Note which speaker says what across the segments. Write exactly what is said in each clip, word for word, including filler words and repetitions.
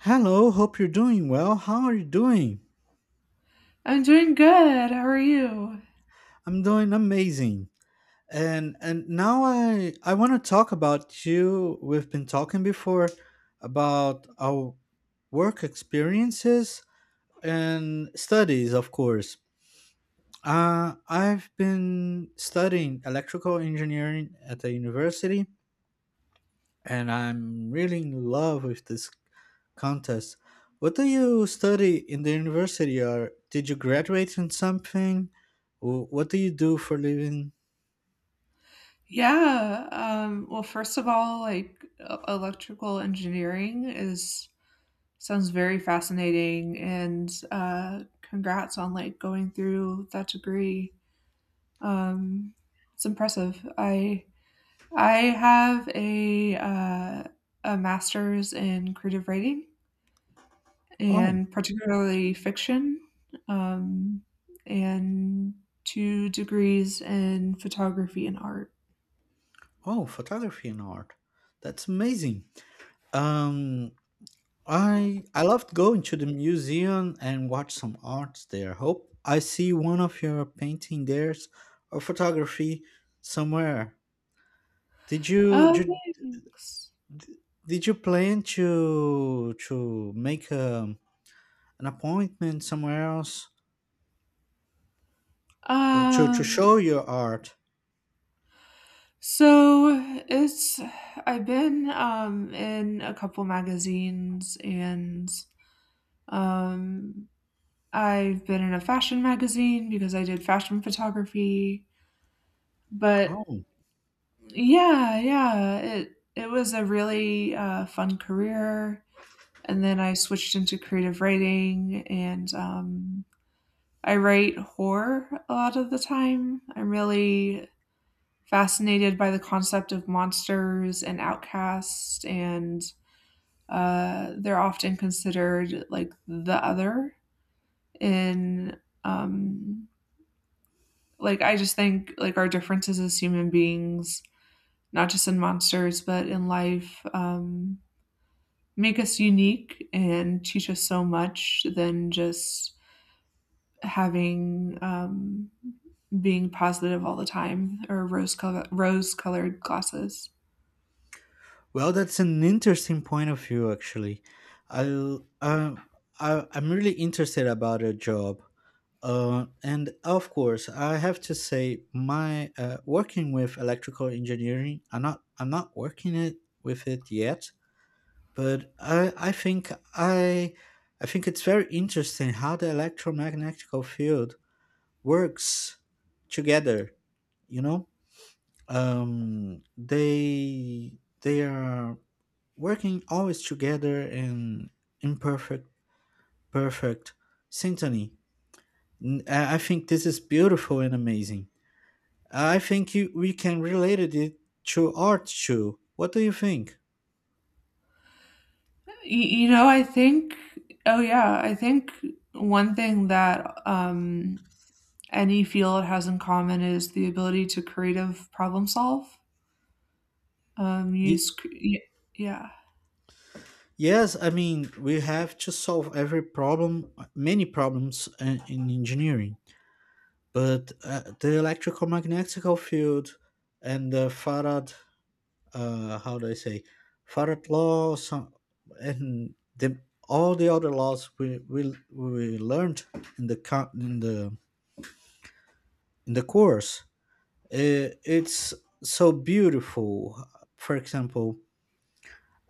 Speaker 1: Hello, hope you're doing well. How are you doing?
Speaker 2: I'm doing good. How are you?
Speaker 1: I'm doing amazing. And and now I I want to talk about you. We've been talking before about our work experiences and studies, of course. Uh, I've been studying electrical engineering at the university, and I'm really in love with this contest. What do you study in the university, or did you graduate in something? Wh- What do you do for living?
Speaker 2: Yeah. Um, well, first of all, like e- electrical engineering is sounds very fascinating, and uh, congrats on like going through that degree. Um, it's impressive. I I have a uh, a master's in creative writing
Speaker 1: Oh,
Speaker 2: and particularly fiction, um, and two degrees in photography and art.
Speaker 1: oh, photography and art. That's amazing. Um, I I loved going to the museum and watch some arts there. Hope I see one of your painting there or photography somewhere. Did you,
Speaker 2: Oh,
Speaker 1: did
Speaker 2: thanks.
Speaker 1: did you plan to to make a an appointment somewhere else or to, to show
Speaker 2: Um,
Speaker 1: your art.
Speaker 2: so it's I've been um in a couple magazines and um I've been in a fashion magazine because I did fashion photography. But
Speaker 1: Oh,
Speaker 2: yeah, yeah, it it was a really uh, fun career. And then I switched into creative writing and um I write horror a lot of the time. I'm really fascinated by the concept of monsters and outcasts, and uh, they're often considered like the other in. Um, like I just think like our differences as human beings, not just in monsters but in life, um, make us unique and teach us so much than just having um, being positive all the time or rose color rose colored glasses.
Speaker 1: well, that's an interesting point of view, actually. I, um I, I'm really interested about your job. Uh, and of course, I have to say, my uh, working with electrical engineering, I'm not, I'm not working it with it yet, but I, I think I, I think it's very interesting how the electromagnetic field works together. You know, um they they are working always together in imperfect perfect synchrony. N- i I think this is beautiful and amazing. I think you, we can relate it to art too. What do you think?
Speaker 2: Y- you know, I think, oh yeah, I think one thing that um, any field has in common is the ability to creative problem solve. Um, use,
Speaker 1: Ye-
Speaker 2: cre- y- yeah.
Speaker 1: yes I mean, we have to solve every problem many problems in, in engineering, but uh, the electromagnetic field and the farad, uh how do I say, Farad law some, and the all the other laws we we, we learned in the co- in the in the course, uh, it's so beautiful. For example,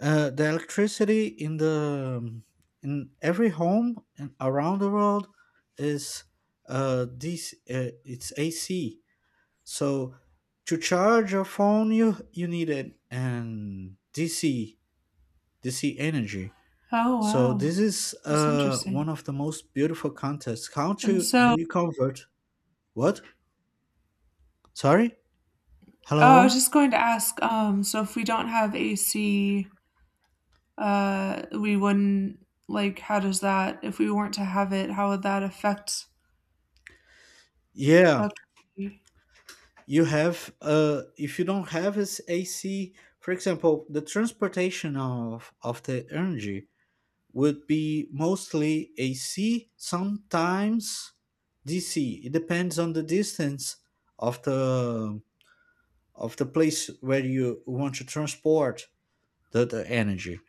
Speaker 1: uh, the electricity in the in every home and around the world is uh this uh, it's A C. So to charge your phone you you need an, an D C D C Energy.
Speaker 2: Oh
Speaker 1: So
Speaker 2: wow,
Speaker 1: this is
Speaker 2: that's
Speaker 1: uh
Speaker 2: interesting.
Speaker 1: one of the most beautiful contests. How
Speaker 2: And
Speaker 1: to do
Speaker 2: so,
Speaker 1: you convert? What? Sorry?
Speaker 2: oh, I was
Speaker 1: Hello?
Speaker 2: just going to ask. Um, so if we don't have A C, uh, we wouldn't like. How does that? If we weren't to have it, how would that affect?
Speaker 1: Yeah,
Speaker 2: Okay.
Speaker 1: you have uh if you don't have as A C, for example, the transportation of of the energy would be mostly A C, sometimes D C. It depends on the distance of the of the place where you want to transport the, the energy.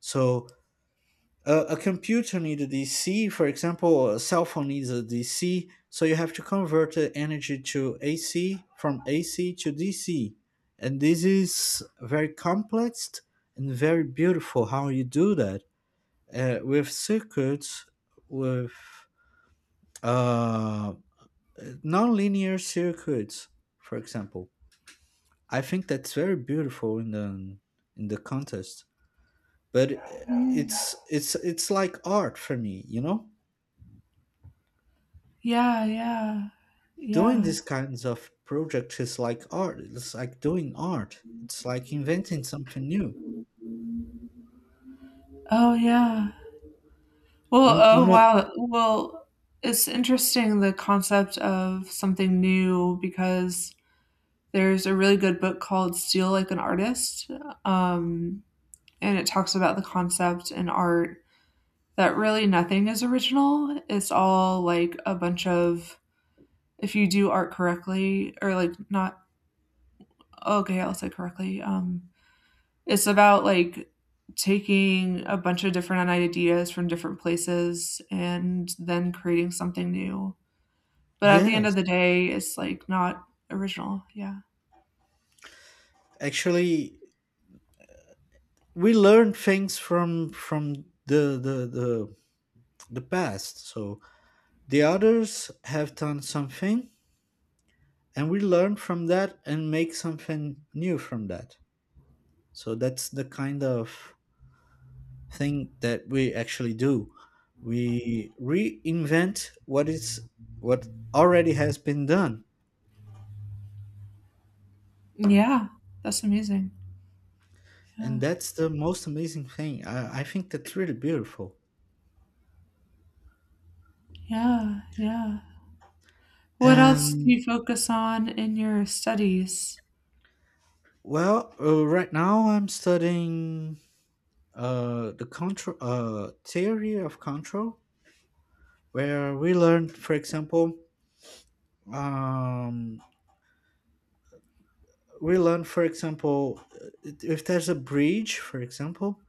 Speaker 1: So Uh, a computer needs a D C, for example, a cell phone needs a D C, so you have to convert the energy to A C from A C to D C. And this is very complex and very beautiful how you do that uh, with circuits, with uh, linear circuits, for example. I think that's very beautiful in the in the contest, but
Speaker 2: Hmm.
Speaker 1: it's it's it's like art for me, you know.
Speaker 2: Yeah, yeah,
Speaker 1: Doing
Speaker 2: yeah.
Speaker 1: these kinds of projects is like art. It's like doing art. It's like inventing something new.
Speaker 2: Oh yeah. Well,
Speaker 1: Um,
Speaker 2: oh
Speaker 1: no-
Speaker 2: wow. Well, it's interesting the concept of something new because there's a really good book called Steal Like an Artist, um, and it talks about the concept in art that really nothing is original. It's all like a bunch of if you do art correctly or like not oh, okay, I'll say correctly. Um, it's about like taking a bunch of different ideas from different places and then creating something new. But at the end
Speaker 1: yes,
Speaker 2: of the day, it's like not original, yeah.
Speaker 1: actually, we learn things from from the the the the past. So the others have done something, and we learn from that and make something new from that. So that's the kind of thing that we actually do. We reinvent what is what already has been done.
Speaker 2: Yeah, that's amazing. Yeah,
Speaker 1: And that's the most amazing thing. I, I think that's really beautiful.
Speaker 2: yeah, yeah. What else do
Speaker 1: And
Speaker 2: you focus on in your studies?
Speaker 1: well, uh, right now I'm studying uh, the control uh, theory of control, where we learn, for example, um, we learn, for example, uh, if there's a bridge, for example.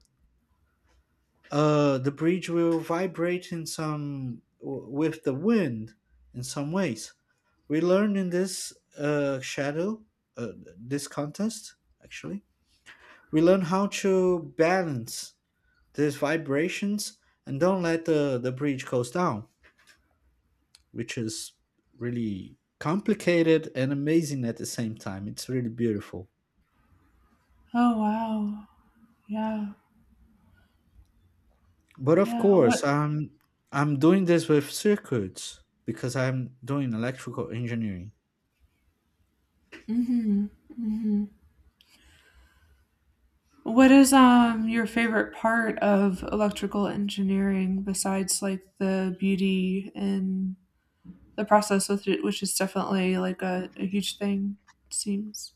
Speaker 1: Uh, the bridge will vibrate in some w- with the wind in some ways. We learn in this uh, shadow, uh, this contest actually. We learn how to balance these vibrations and don't let the, the bridge goes down, which is really complicated and amazing at the same time. It's really beautiful.
Speaker 2: Oh, wow. Yeah,
Speaker 1: But of
Speaker 2: yeah,
Speaker 1: course,
Speaker 2: what
Speaker 1: I'm I'm doing this with circuits because I'm doing electrical engineering.
Speaker 2: mhm, mhm. What is, um, your favorite part of electrical engineering besides, like, the beauty and the process with it, which is definitely, like, a a huge thing, it seems?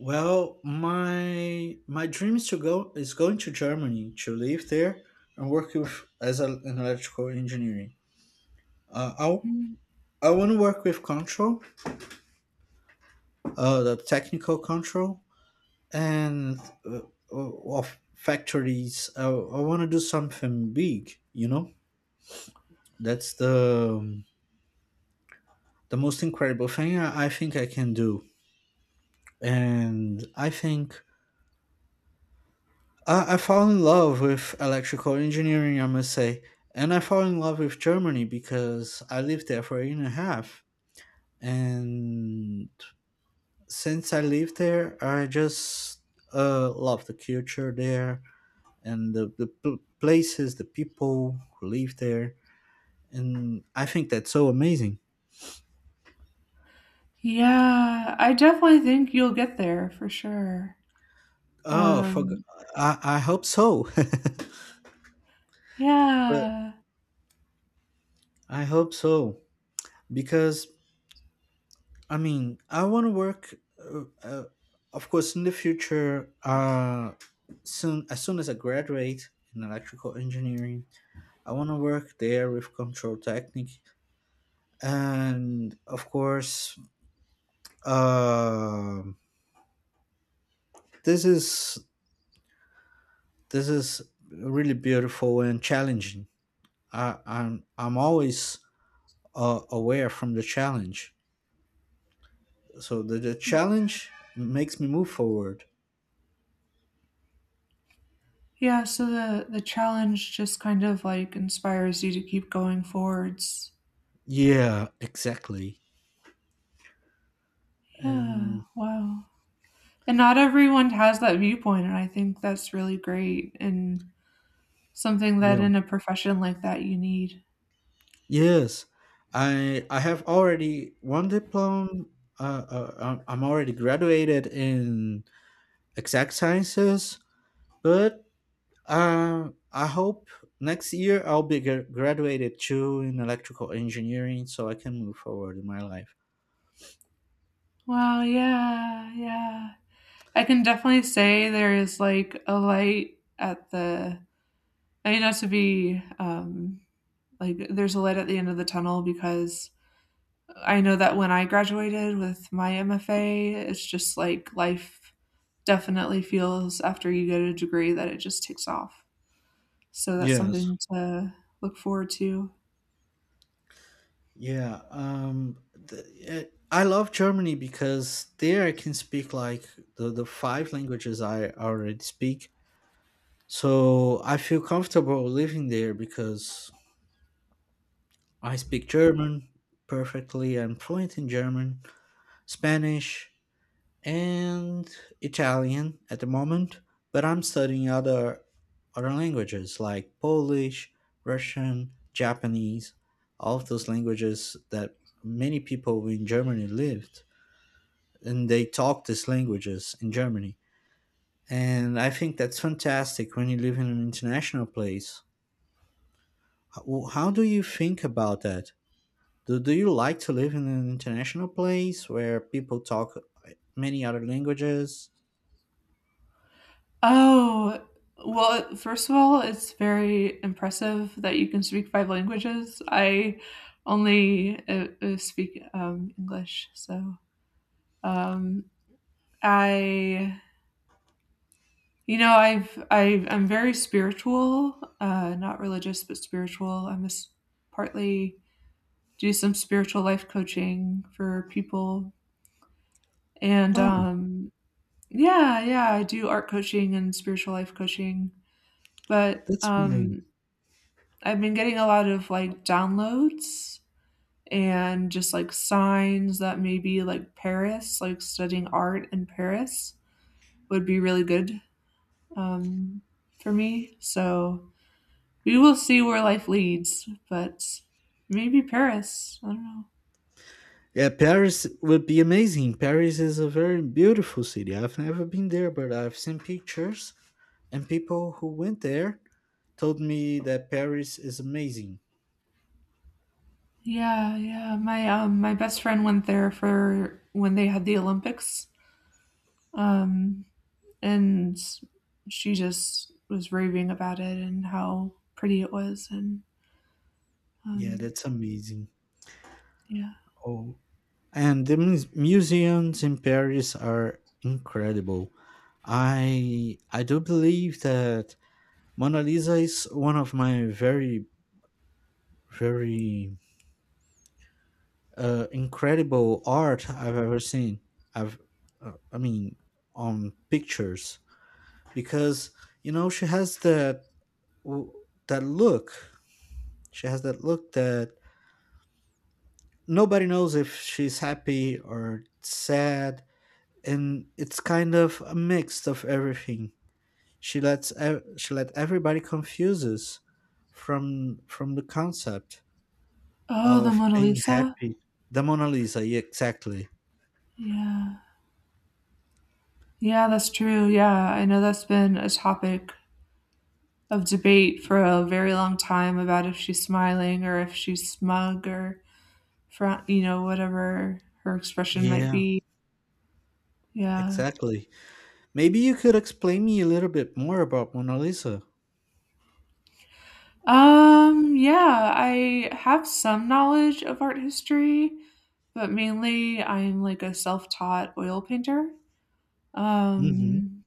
Speaker 1: Well, my my dream is to go is going to Germany to live there and work with as a, an electrical engineering. Uh,
Speaker 2: Mm-hmm.
Speaker 1: I I want to work with control, uh, the technical control and uh, uh, of factories. I, I want to do something big. You know, that's the the most incredible thing I, I think I can do, and I think I, I fell in love with electrical engineering, I must say. And I fell in love with Germany because I lived there for a year and a half. And since I lived there, I just uh, love the culture there and the, the pl- places, the people who live there. And I think that's so amazing.
Speaker 2: Yeah, I definitely think you'll get there for sure.
Speaker 1: Oh, for, g-
Speaker 2: Um,
Speaker 1: I, I hope so. But
Speaker 2: yeah.
Speaker 1: I hope so. Because I mean, I want to work, uh, uh, of course, in the future. Uh, soon, as soon as I graduate in electrical engineering, I want to work there with control technique, and of course, um this is this is really beautiful and challenging. I, I'm I'm always uh, aware from the challenge, so the, the challenge makes me move forward.
Speaker 2: Yeah, so the the challenge just kind of, like, inspires you to keep going forwards.
Speaker 1: Yeah, exactly,
Speaker 2: Yeah,
Speaker 1: and.
Speaker 2: wow. And not everyone has that viewpoint, and I think that's really great and something that
Speaker 1: Yeah.
Speaker 2: in a profession like that you need.
Speaker 1: Yes, I I have already one diploma. Uh, uh, I'm I'm already graduated in exact sciences, but uh, I hope next year I'll be gra- graduated too in electrical engineering, so I can move forward in my life.
Speaker 2: Wow, yeah, yeah. I can definitely say there is, like, a light at the I mean, not to be, um like there's a light at the end of the tunnel because I know that when I graduated with my M F A, it's just like life definitely feels after you get a degree that it just takes off. So that's
Speaker 1: Yes.
Speaker 2: something to look forward to.
Speaker 1: Yeah, um, the, it, I love Germany because there I can speak like the, the five languages I already speak. So I feel comfortable living there because I speak German perfectly. I'm fluent in German, Spanish, and Italian at the moment, but I'm studying other other languages like Polish, Russian, Japanese, all of those languages that many people in Germany lived and they talk these languages in Germany. And I think that's fantastic when you live in an international place. How, how do you think about that? Do, do you like to live in an international place where people talk like, many other languages?
Speaker 2: Oh, well, first of all, it's very impressive that you can speak five languages. I only uh, uh, speak um, English, so um, I you know, I've I've I'm very spiritual, uh, not religious, but spiritual. I'm a s Partly do some spiritual life coaching for people, and,
Speaker 1: Oh,
Speaker 2: um yeah, yeah, I do art coaching and spiritual life coaching, but,
Speaker 1: that's amazing.
Speaker 2: um, I've been getting a lot of, like, downloads and just, like, signs that maybe, like, Paris, like, studying art in Paris would be really good, um, for me, so we will see where life leads, but maybe Paris. I don't know.
Speaker 1: Yeah, Paris would be amazing. Paris is a very beautiful city. I've never been there, but I've seen pictures, and people who went there told me that Paris is amazing.
Speaker 2: Yeah, yeah. My um my best friend went there for when they had the Olympics. Um and she just was raving about it and how pretty it was and
Speaker 1: Yeah,
Speaker 2: um
Speaker 1: that's amazing.
Speaker 2: yeah.
Speaker 1: Oh, and the mus- museums in Paris are incredible. I I do believe that Mona Lisa is one of my very, very uh, incredible art I've ever seen. I've, uh, I mean, on pictures because you know she has that that look. She has that look that nobody knows if she's happy or sad, and it's kind of a mix of everything. She lets ev- she let everybody confuses from from the concept
Speaker 2: Oh, the
Speaker 1: of
Speaker 2: Mona
Speaker 1: being
Speaker 2: Lisa?
Speaker 1: happy. The Mona Lisa, yeah, exactly.
Speaker 2: Yeah. Yeah, that's true. Yeah, I know that's been a topic of debate for a very long time about if she's smiling or if she's smug or fra you know, whatever her expression might
Speaker 1: Yeah,
Speaker 2: be. Yeah.
Speaker 1: exactly. Maybe you could explain me a little bit more about Mona Lisa.
Speaker 2: Um, yeah, I have some knowledge of art history, but mainly I'm like a self-taught oil painter.
Speaker 1: Hmm.
Speaker 2: Um,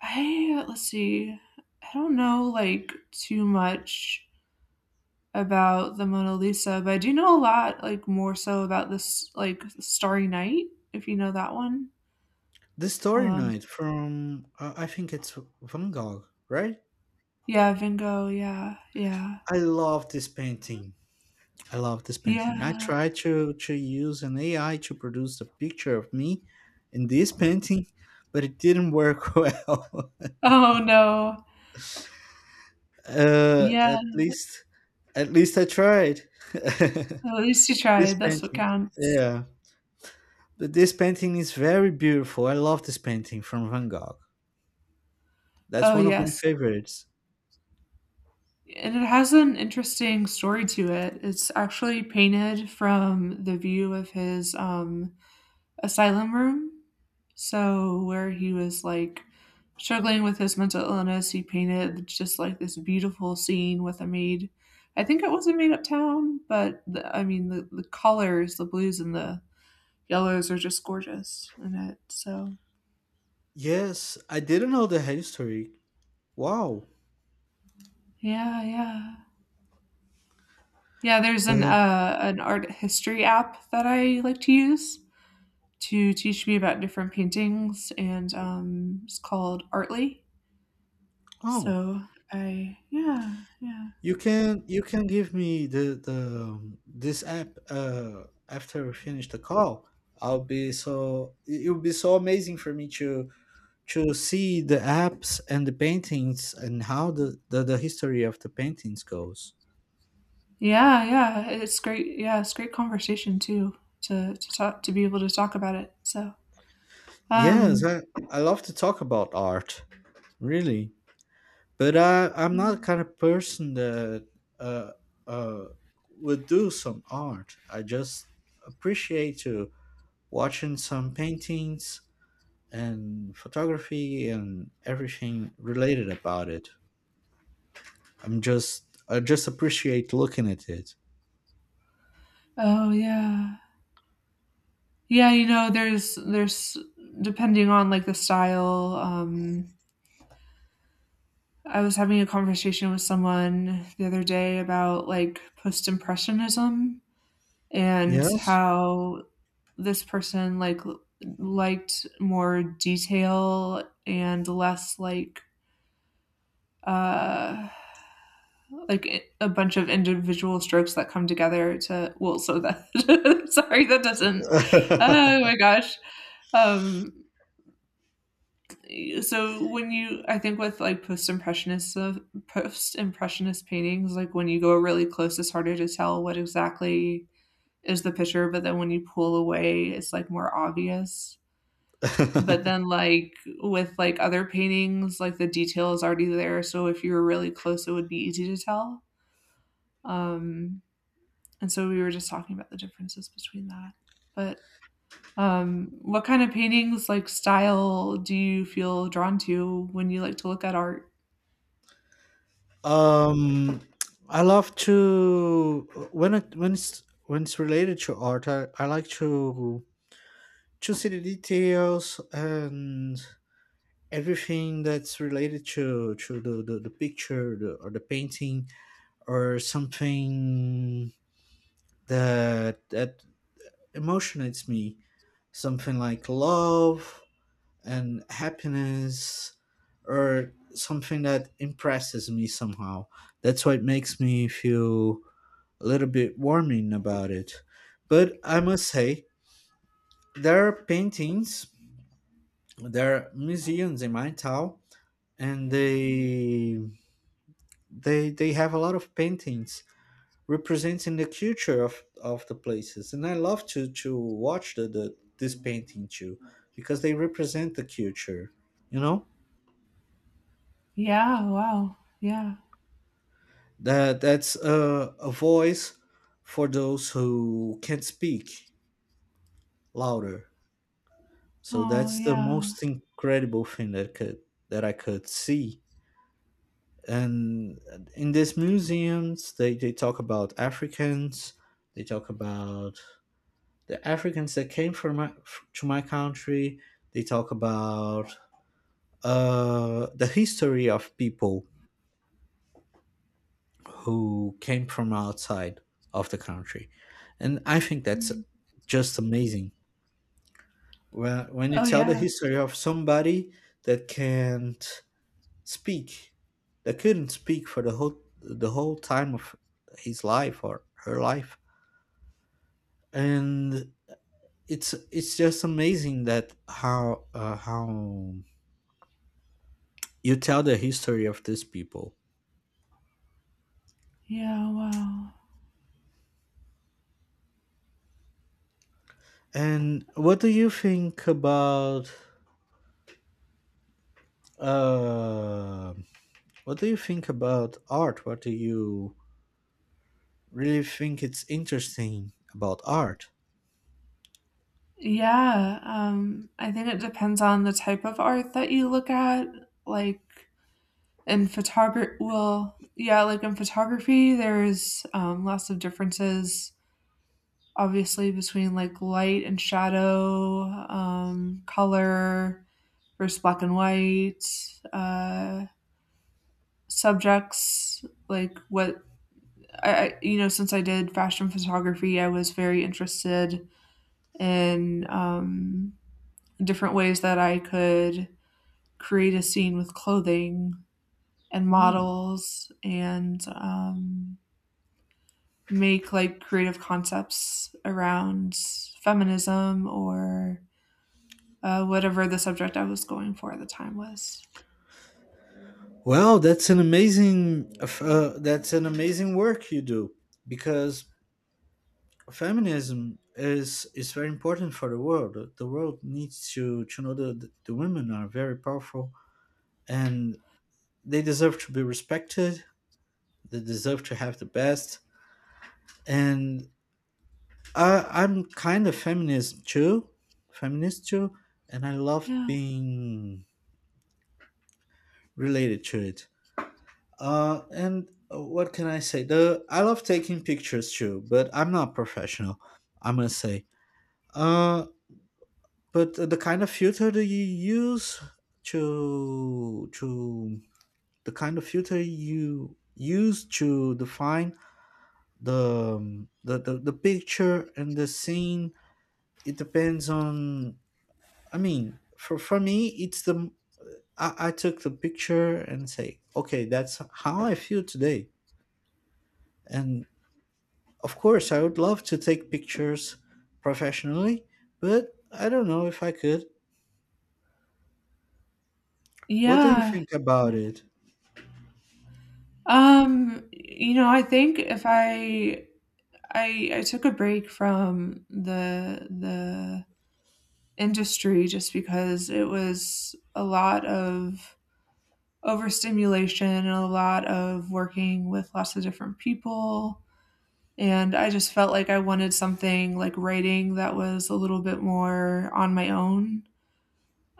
Speaker 2: I Let's see. I don't know like too much about the Mona Lisa, but I do know a lot, like more so about this like Starry Night, if you know that one.
Speaker 1: The Starry
Speaker 2: Um,
Speaker 1: Night from, uh, I think it's Van Gogh, right?
Speaker 2: yeah, Van Gogh, yeah, yeah.
Speaker 1: I love this painting. I love this painting. I
Speaker 2: Yeah.
Speaker 1: tried to, to use an A I to produce a picture of me in this painting, but it didn't work well.
Speaker 2: Oh, no.
Speaker 1: uh,
Speaker 2: Yeah,
Speaker 1: at least, at least I tried.
Speaker 2: at least you
Speaker 1: This
Speaker 2: tried, that's what
Speaker 1: painting,
Speaker 2: counts.
Speaker 1: yeah, but this painting is very beautiful. I love this painting from Van Gogh. That's
Speaker 2: Oh,
Speaker 1: one of my
Speaker 2: yes,
Speaker 1: favorites.
Speaker 2: and it has an interesting story to it. It's actually painted from the view of his, um, asylum room. So, where he was, like, struggling with his mental illness, he painted just, like, this beautiful scene with a maid. I think it was a maid uptown, but the I mean, the the colors, the blues and the yellows are just gorgeous in it, so
Speaker 1: Yes, I didn't know the history. Wow.
Speaker 2: yeah, yeah. Yeah, there's an
Speaker 1: But
Speaker 2: uh, an art history app that I like to use to teach me about different paintings, and um, it's called Artly.
Speaker 1: oh,
Speaker 2: So I yeah, yeah,
Speaker 1: you can you can give me the the um, this app uh after we finish the call. I'll be so it it would be so amazing for me to to see the apps and the paintings and how the the, the history of the paintings goes.
Speaker 2: yeah, yeah, it's great, yeah, it's great conversation too to to talk to be able to talk about it. So
Speaker 1: Yes,
Speaker 2: um
Speaker 1: I, I love to talk about art, really. But I, I'm not the kind of person that uh, uh, would do some art. I just appreciate to watching some paintings and photography and everything related about it. I'm just I just appreciate looking at it.
Speaker 2: oh yeah, yeah, you know there's there's depending on like the style, um I was having a conversation with someone the other day about like post impressionism and
Speaker 1: Yes.
Speaker 2: how this person like l- liked more detail and less like uh like i- a bunch of individual strokes that come together to well so that sorry that doesn't oh my gosh, um so when you I think with like post impressionist post impressionist paintings, like when you go really close it's harder to tell what exactly is the picture, but then when you pull away it's like more obvious, but then like with like other paintings like the detail is already there, so if you were really close it would be easy to tell. um and so we were just talking about the differences between that, but um what kind of paintings like style do you feel drawn to when you like to look at art?
Speaker 1: Um, I love to when it when it's when it's related to art. I, I like to to see the details and everything that's related to to the the, the picture the, or the painting or something that that emotionates me. Something like love and happiness, or something that impresses me somehow. That's what makes me feel a little bit warming about it. But I must say, there are paintings, there are museums in my town, and they they they have a lot of paintings representing the culture of, of the places. And I love to to watch the, the this painting too, because they represent the culture. You know
Speaker 2: Yeah, wow. Yeah.
Speaker 1: that that's a, a voice for those who can't speak louder. So
Speaker 2: Oh,
Speaker 1: that's the
Speaker 2: yeah.
Speaker 1: most incredible thing that could that I could see. And in these museums, they, they talk about Africans. They talk about the Africans that came from my, f- to my country. They talk about uh, the history of people who came from outside of the country, and I think that's
Speaker 2: Mm.
Speaker 1: just amazing. When when you
Speaker 2: Oh,
Speaker 1: tell the
Speaker 2: yeah.
Speaker 1: history of somebody that can't speak. They couldn't speak for the whole the whole time of his life or her life, and it's it's just amazing that how uh, how you tell the history of these people.
Speaker 2: Yeah, wow.
Speaker 1: And what do you think about uh, what do you think about art? What do you really think it's interesting about art?
Speaker 2: Yeah, um, I think it depends on the type of art that you look at, like, in photography. Well, yeah, like, in photography, there's, um, lots of differences, obviously, between, like, light and shadow, um, color versus black and white, uh, subjects, like, what I, you know, since I did fashion photography, I was very interested in um, different ways that I could create a scene with clothing and
Speaker 1: Hmm.
Speaker 2: models and um, make like creative concepts around feminism or uh, whatever the subject I was going for at the time was.
Speaker 1: Well, that's an amazing uh, that's an amazing work you do because feminism is is very important for the world. The world needs to to know that the women are very powerful and they deserve to be respected. They deserve to have the best. And I, I'm kind of feminist too, feminist too, and I love
Speaker 2: Yeah.
Speaker 1: being related to it. Uh, and what can I say? The I love taking pictures too, but I'm not professional, I must say. Uh, but uh, the kind of filter that you use to to the kind of filter you use to define the um, the, the, the picture and the scene. It depends on, I mean, for, for me it's the, I, I took the picture and say, okay, that's how I feel today. And of course I would love to take pictures professionally, but I don't know if I could.
Speaker 2: Yeah.
Speaker 1: What do you
Speaker 2: Yeah.
Speaker 1: think about it?
Speaker 2: Um, you know, I think if I I I took a break from the the industry just because it was a lot of overstimulation and a lot of working with lots of different people. And I just felt like I wanted something like writing that was a little bit more on my own,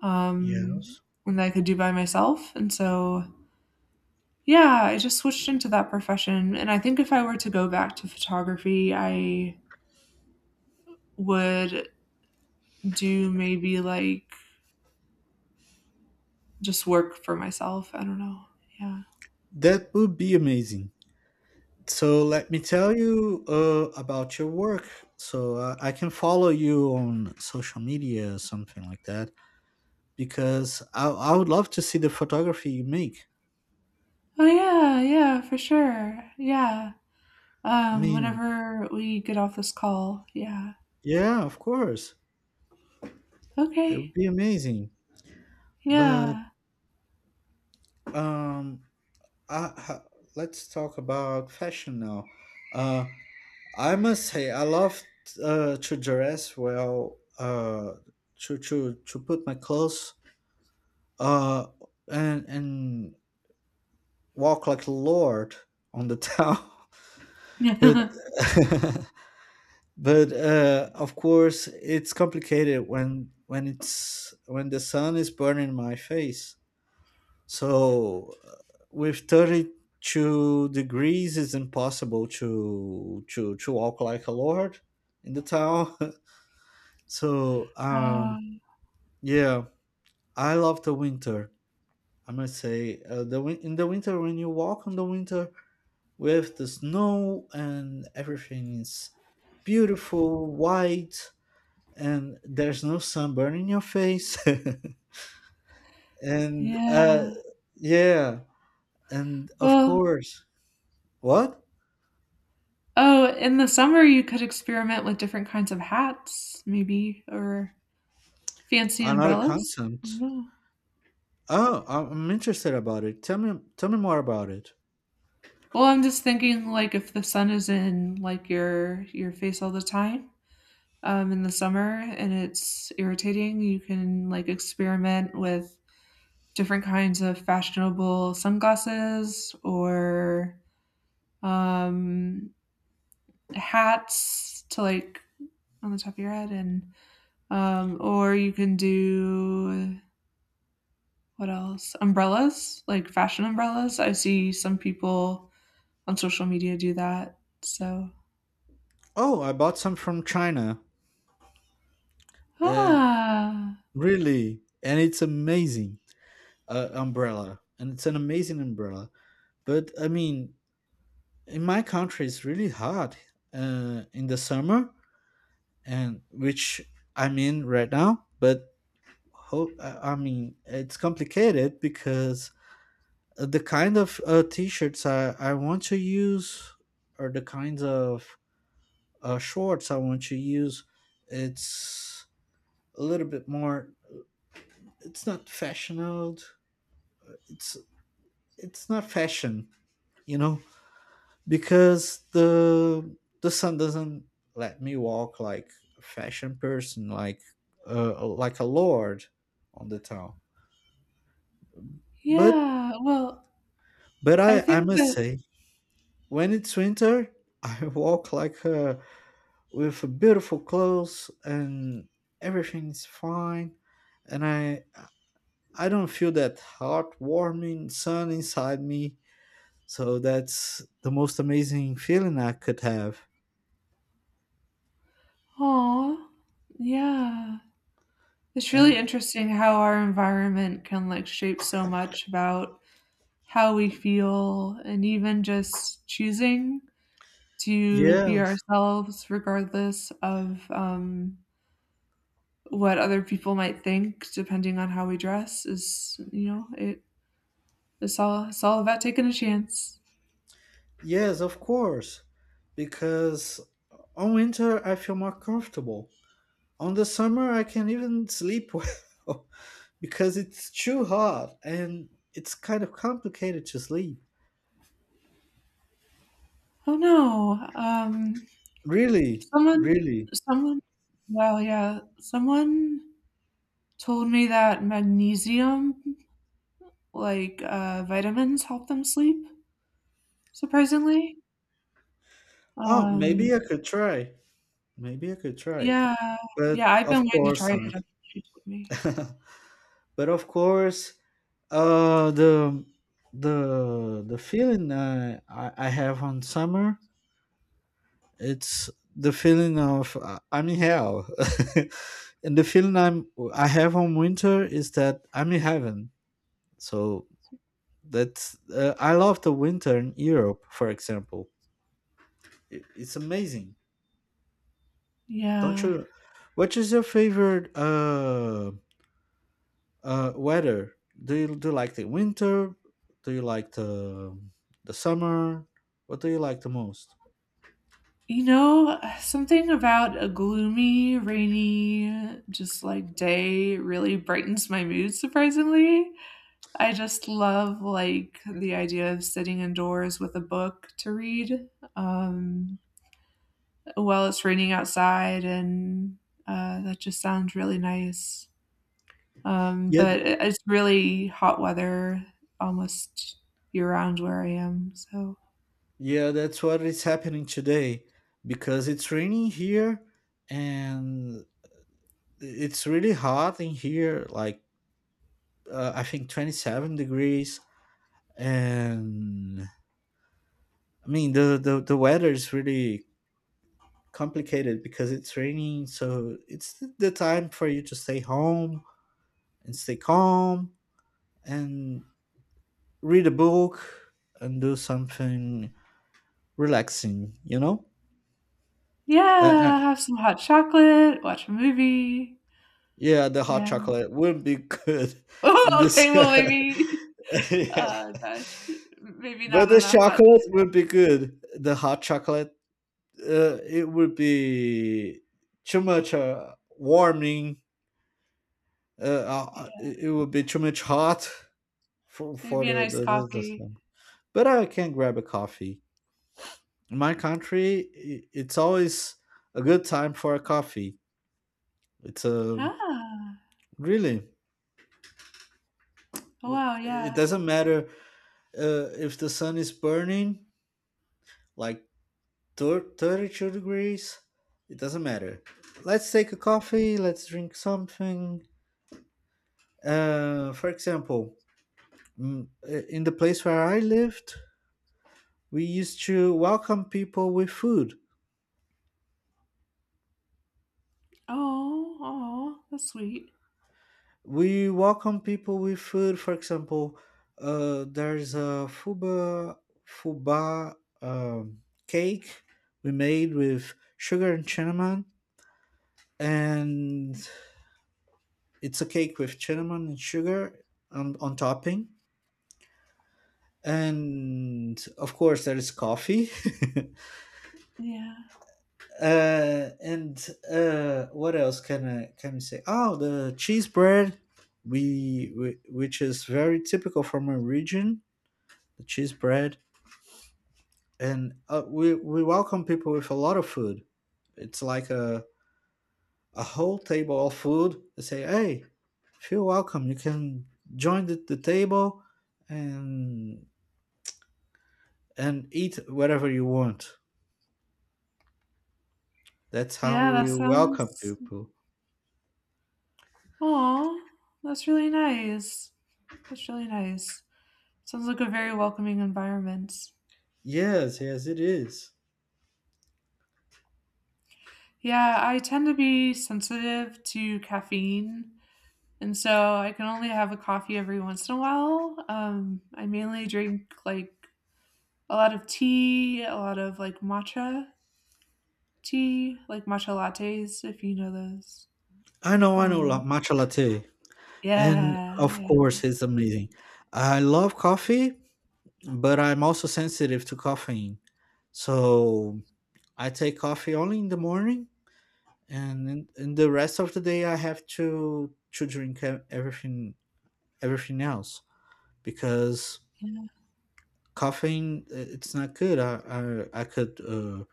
Speaker 2: um,
Speaker 1: Yes.
Speaker 2: and that I could do by myself. And so, yeah, I just switched into that profession. And I think if I were to go back to photography, I would do maybe like just work for myself. I don't know. Yeah.
Speaker 1: That would be amazing. So let me tell you uh, about your work. So uh, I can follow you on social media or something like that because I, I would love to see the photography you make.
Speaker 2: Oh yeah, yeah, for sure. Yeah.
Speaker 1: I
Speaker 2: Um,
Speaker 1: mean,
Speaker 2: whenever we get off this call. Yeah.
Speaker 1: yeah, of course. It would
Speaker 2: Okay.
Speaker 1: be amazing. But
Speaker 2: Yeah.
Speaker 1: um, I, ha, let's talk about fashion now. Uh, I must say, I love uh, to dress well, uh, to, to, to put my clothes uh and and walk like a lord on the town. But but uh of course it's complicated when when it's when the sun is burning my face. So uh, with thirty-two degrees it's impossible to to to walk like a lord in the town. so um
Speaker 2: Um,
Speaker 1: yeah, I love the winter. I must say, uh, the win- in the winter when you walk in the winter with the snow and everything is beautiful, white, and there's no sunburn in your face. and uh,
Speaker 2: yeah.
Speaker 1: yeah, and of
Speaker 2: Well,
Speaker 1: course, what,
Speaker 2: oh, in the summer you could experiment with different kinds of hats, maybe, or fancy
Speaker 1: another
Speaker 2: umbrellas.
Speaker 1: concept?
Speaker 2: No.
Speaker 1: Oh, I- I'm interested about it. Tell me, tell me more about it.
Speaker 2: Well, I'm just thinking like if the sun is in like your your face all the time, um, in the summer and it's irritating, you can like experiment with different kinds of fashionable sunglasses or um, hats to like on the top of your head and um, or you can do what else umbrellas like fashion umbrellas, I see some people on social media do that. So
Speaker 1: Oh, I bought some from China. Uh,
Speaker 2: ah
Speaker 1: really, and it's amazing uh, umbrella, and it's an amazing umbrella. But I mean, in my country it's really hot uh, in the summer, and which I'm in right now. But ho- i I mean, it's complicated because uh, the kind of uh, t-shirts I, I want to use, or the kinds of uh, shorts I want to use, it's a little bit more, it's not fashionable, it's it's not fashion, you know, because the the sun doesn't let me walk like a fashion person, like uh, like a lord on the town. But
Speaker 2: yeah well
Speaker 1: but
Speaker 2: I
Speaker 1: i i
Speaker 2: think
Speaker 1: must
Speaker 2: that
Speaker 1: say, when it's winter, I walk like a, with beautiful clothes and everything's fine. And i I don't feel that heartwarming sun inside me. So that's the most amazing feeling I could have.
Speaker 2: oh yeah, it's really
Speaker 1: And
Speaker 2: interesting how our environment can like shape so much about how we feel and even just choosing to be
Speaker 1: yes.
Speaker 2: ourselves regardless of um, what other people might think depending on how we dress is you know it it's all it's all about taking a chance.
Speaker 1: Yes, of course. Because on winter I feel more comfortable. On the summer I can even sleep well because it's too hot and it's kind of complicated to sleep.
Speaker 2: Oh no. Um
Speaker 1: Really,
Speaker 2: someone
Speaker 1: really.
Speaker 2: someone Wow, yeah, someone told me that magnesium like uh, vitamins help them sleep. Surprisingly?
Speaker 1: Oh,
Speaker 2: Um,
Speaker 1: maybe I could try. Maybe I could try.
Speaker 2: yeah.
Speaker 1: But
Speaker 2: Yeah, I've been
Speaker 1: of
Speaker 2: wanting to
Speaker 1: course
Speaker 2: try it
Speaker 1: not.
Speaker 2: after she told me.
Speaker 1: But of course, uh, the the the feeling uh, I I have on summer, it's the feeling of uh, I'm in hell, and the feeling I'm I have on winter is that I'm in heaven. So that's, uh, I love the winter in Europe, for example. I- It's amazing, don't
Speaker 2: Yeah.
Speaker 1: you? What is your favorite uh, uh, weather? Do you do you like the winter? Do you like the the summer? What do you like the most?
Speaker 2: You know, something about a gloomy, rainy, just, like, day really brightens my mood surprisingly. I just love, like, the idea of sitting indoors with a book to read, um, while it's raining outside, and, uh, that just sounds really nice. Um,
Speaker 1: Yeah.
Speaker 2: but it it's really hot weather almost year-round where I am, so
Speaker 1: Yeah, that's what is happening today, because it's raining here and it's really hot in here, like uh, I think twenty-seven degrees. And I mean, the, the, the weather is really complicated because it's raining. So it's th- the time for you to stay home and stay calm and read a book and do something relaxing, you know? I,
Speaker 2: yeah, have some hot chocolate, watch a movie.
Speaker 1: Yeah, the hot
Speaker 2: Yeah.
Speaker 1: chocolate wouldn't be good in
Speaker 2: Oh,
Speaker 1: this.
Speaker 2: okay, well, maybe
Speaker 1: Yeah.
Speaker 2: uh, gosh, maybe
Speaker 1: But
Speaker 2: not
Speaker 1: the
Speaker 2: on a hot
Speaker 1: chocolate would be good. The hot chocolate, uh, it would be too much uh, warming. Uh, uh,
Speaker 2: yeah,
Speaker 1: it it would be too much hot for, for
Speaker 2: maybe a
Speaker 1: the,
Speaker 2: nice
Speaker 1: the, the
Speaker 2: coffee.
Speaker 1: system. But I can grab a coffee. In my country, i- it's always a good time for a coffee. It's a,
Speaker 2: Ah,
Speaker 1: really,
Speaker 2: oh,
Speaker 1: w-
Speaker 2: wow,
Speaker 1: it
Speaker 2: yeah.
Speaker 1: doesn't matter uh, if the sun is burning, like thir- thirty-two degrees, it doesn't matter. Let's take a coffee, let's drink something, uh, for example. Mm, uh, in the place where I lived, we used to welcome people with food.
Speaker 2: Oh. Oh, that's sweet.
Speaker 1: We welcome people with food. For example, uh, there's a fuba, fuba, um, cake we made with sugar and cinnamon, and it's a cake with cinnamon and sugar on, on topping. And of course there is coffee.
Speaker 2: Yeah.
Speaker 1: uh, and uh, what else can i can I say? Oh, the cheese bread, we, we, which is very typical from our region, the cheese bread. And uh, we we welcome people with a lot of food. It's like a a whole table of food. They say, hey, feel welcome, you can join the, the table and and eat whatever you want. That's how
Speaker 2: Yeah, that
Speaker 1: we welcome
Speaker 2: sounds
Speaker 1: people.
Speaker 2: oh, that's really nice. That's really nice. Sounds like a very welcoming environment.
Speaker 1: Yes, yes, it is.
Speaker 2: Yeah, I tend to be sensitive to caffeine, and so I can only have a coffee every once in a while. Um, I mainly drink, like, a lot of tea, a lot of, like, matcha tea, like matcha lattes, if you know those.
Speaker 1: I know, I know, la-
Speaker 2: Um,
Speaker 1: matcha latte. And
Speaker 2: yeah,
Speaker 1: of
Speaker 2: yeah,
Speaker 1: course, it's amazing. I love coffee, but I'm also sensitive to caffeine. So I take coffee only in the morning, and in, in the rest of the day, I have to to drink e- everything everything else, because
Speaker 2: yeah.
Speaker 1: caffeine, uh, it's not good. I I, I could, uh,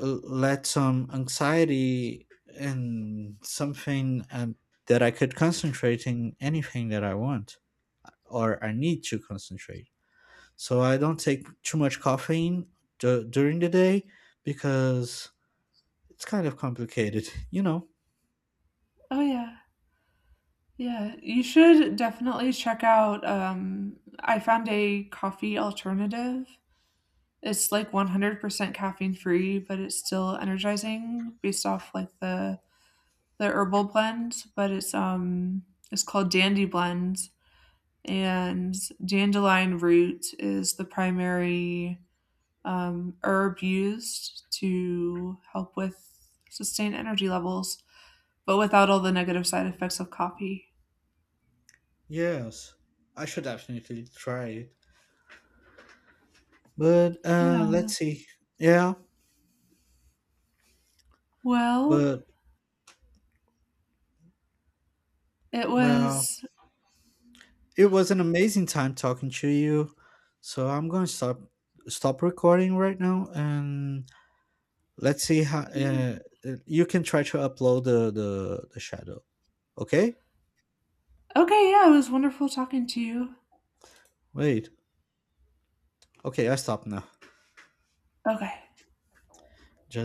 Speaker 1: l- let some anxiety and something, um, that I could concentrate in anything that I want or I need to concentrate. So I don't take too much caffeine d- during the day because it's kind of complicated, you know.
Speaker 2: Oh, yeah. Yeah, you should definitely check out, um, I found a coffee alternative. It's like one hundred percent caffeine free, but it's still energizing based off like the the herbal blend, but it's um it's called Dandy Blend, and dandelion root is the primary um, herb used to help with sustain energy levels, but without all the negative side effects of coffee.
Speaker 1: Yes, I should definitely try it. But uh,
Speaker 2: Yeah.
Speaker 1: let's see. Yeah,
Speaker 2: Well,
Speaker 1: but
Speaker 2: it
Speaker 1: well,
Speaker 2: was
Speaker 1: it was an amazing time talking to you. So I'm going to stop stop recording right now, and let's see how
Speaker 2: yeah.
Speaker 1: uh, uh, you can try to upload the, the the shadow. Okay?
Speaker 2: Okay. Yeah, it was wonderful talking to you.
Speaker 1: Wait. Okay, I stop now.
Speaker 2: Okay.
Speaker 1: Just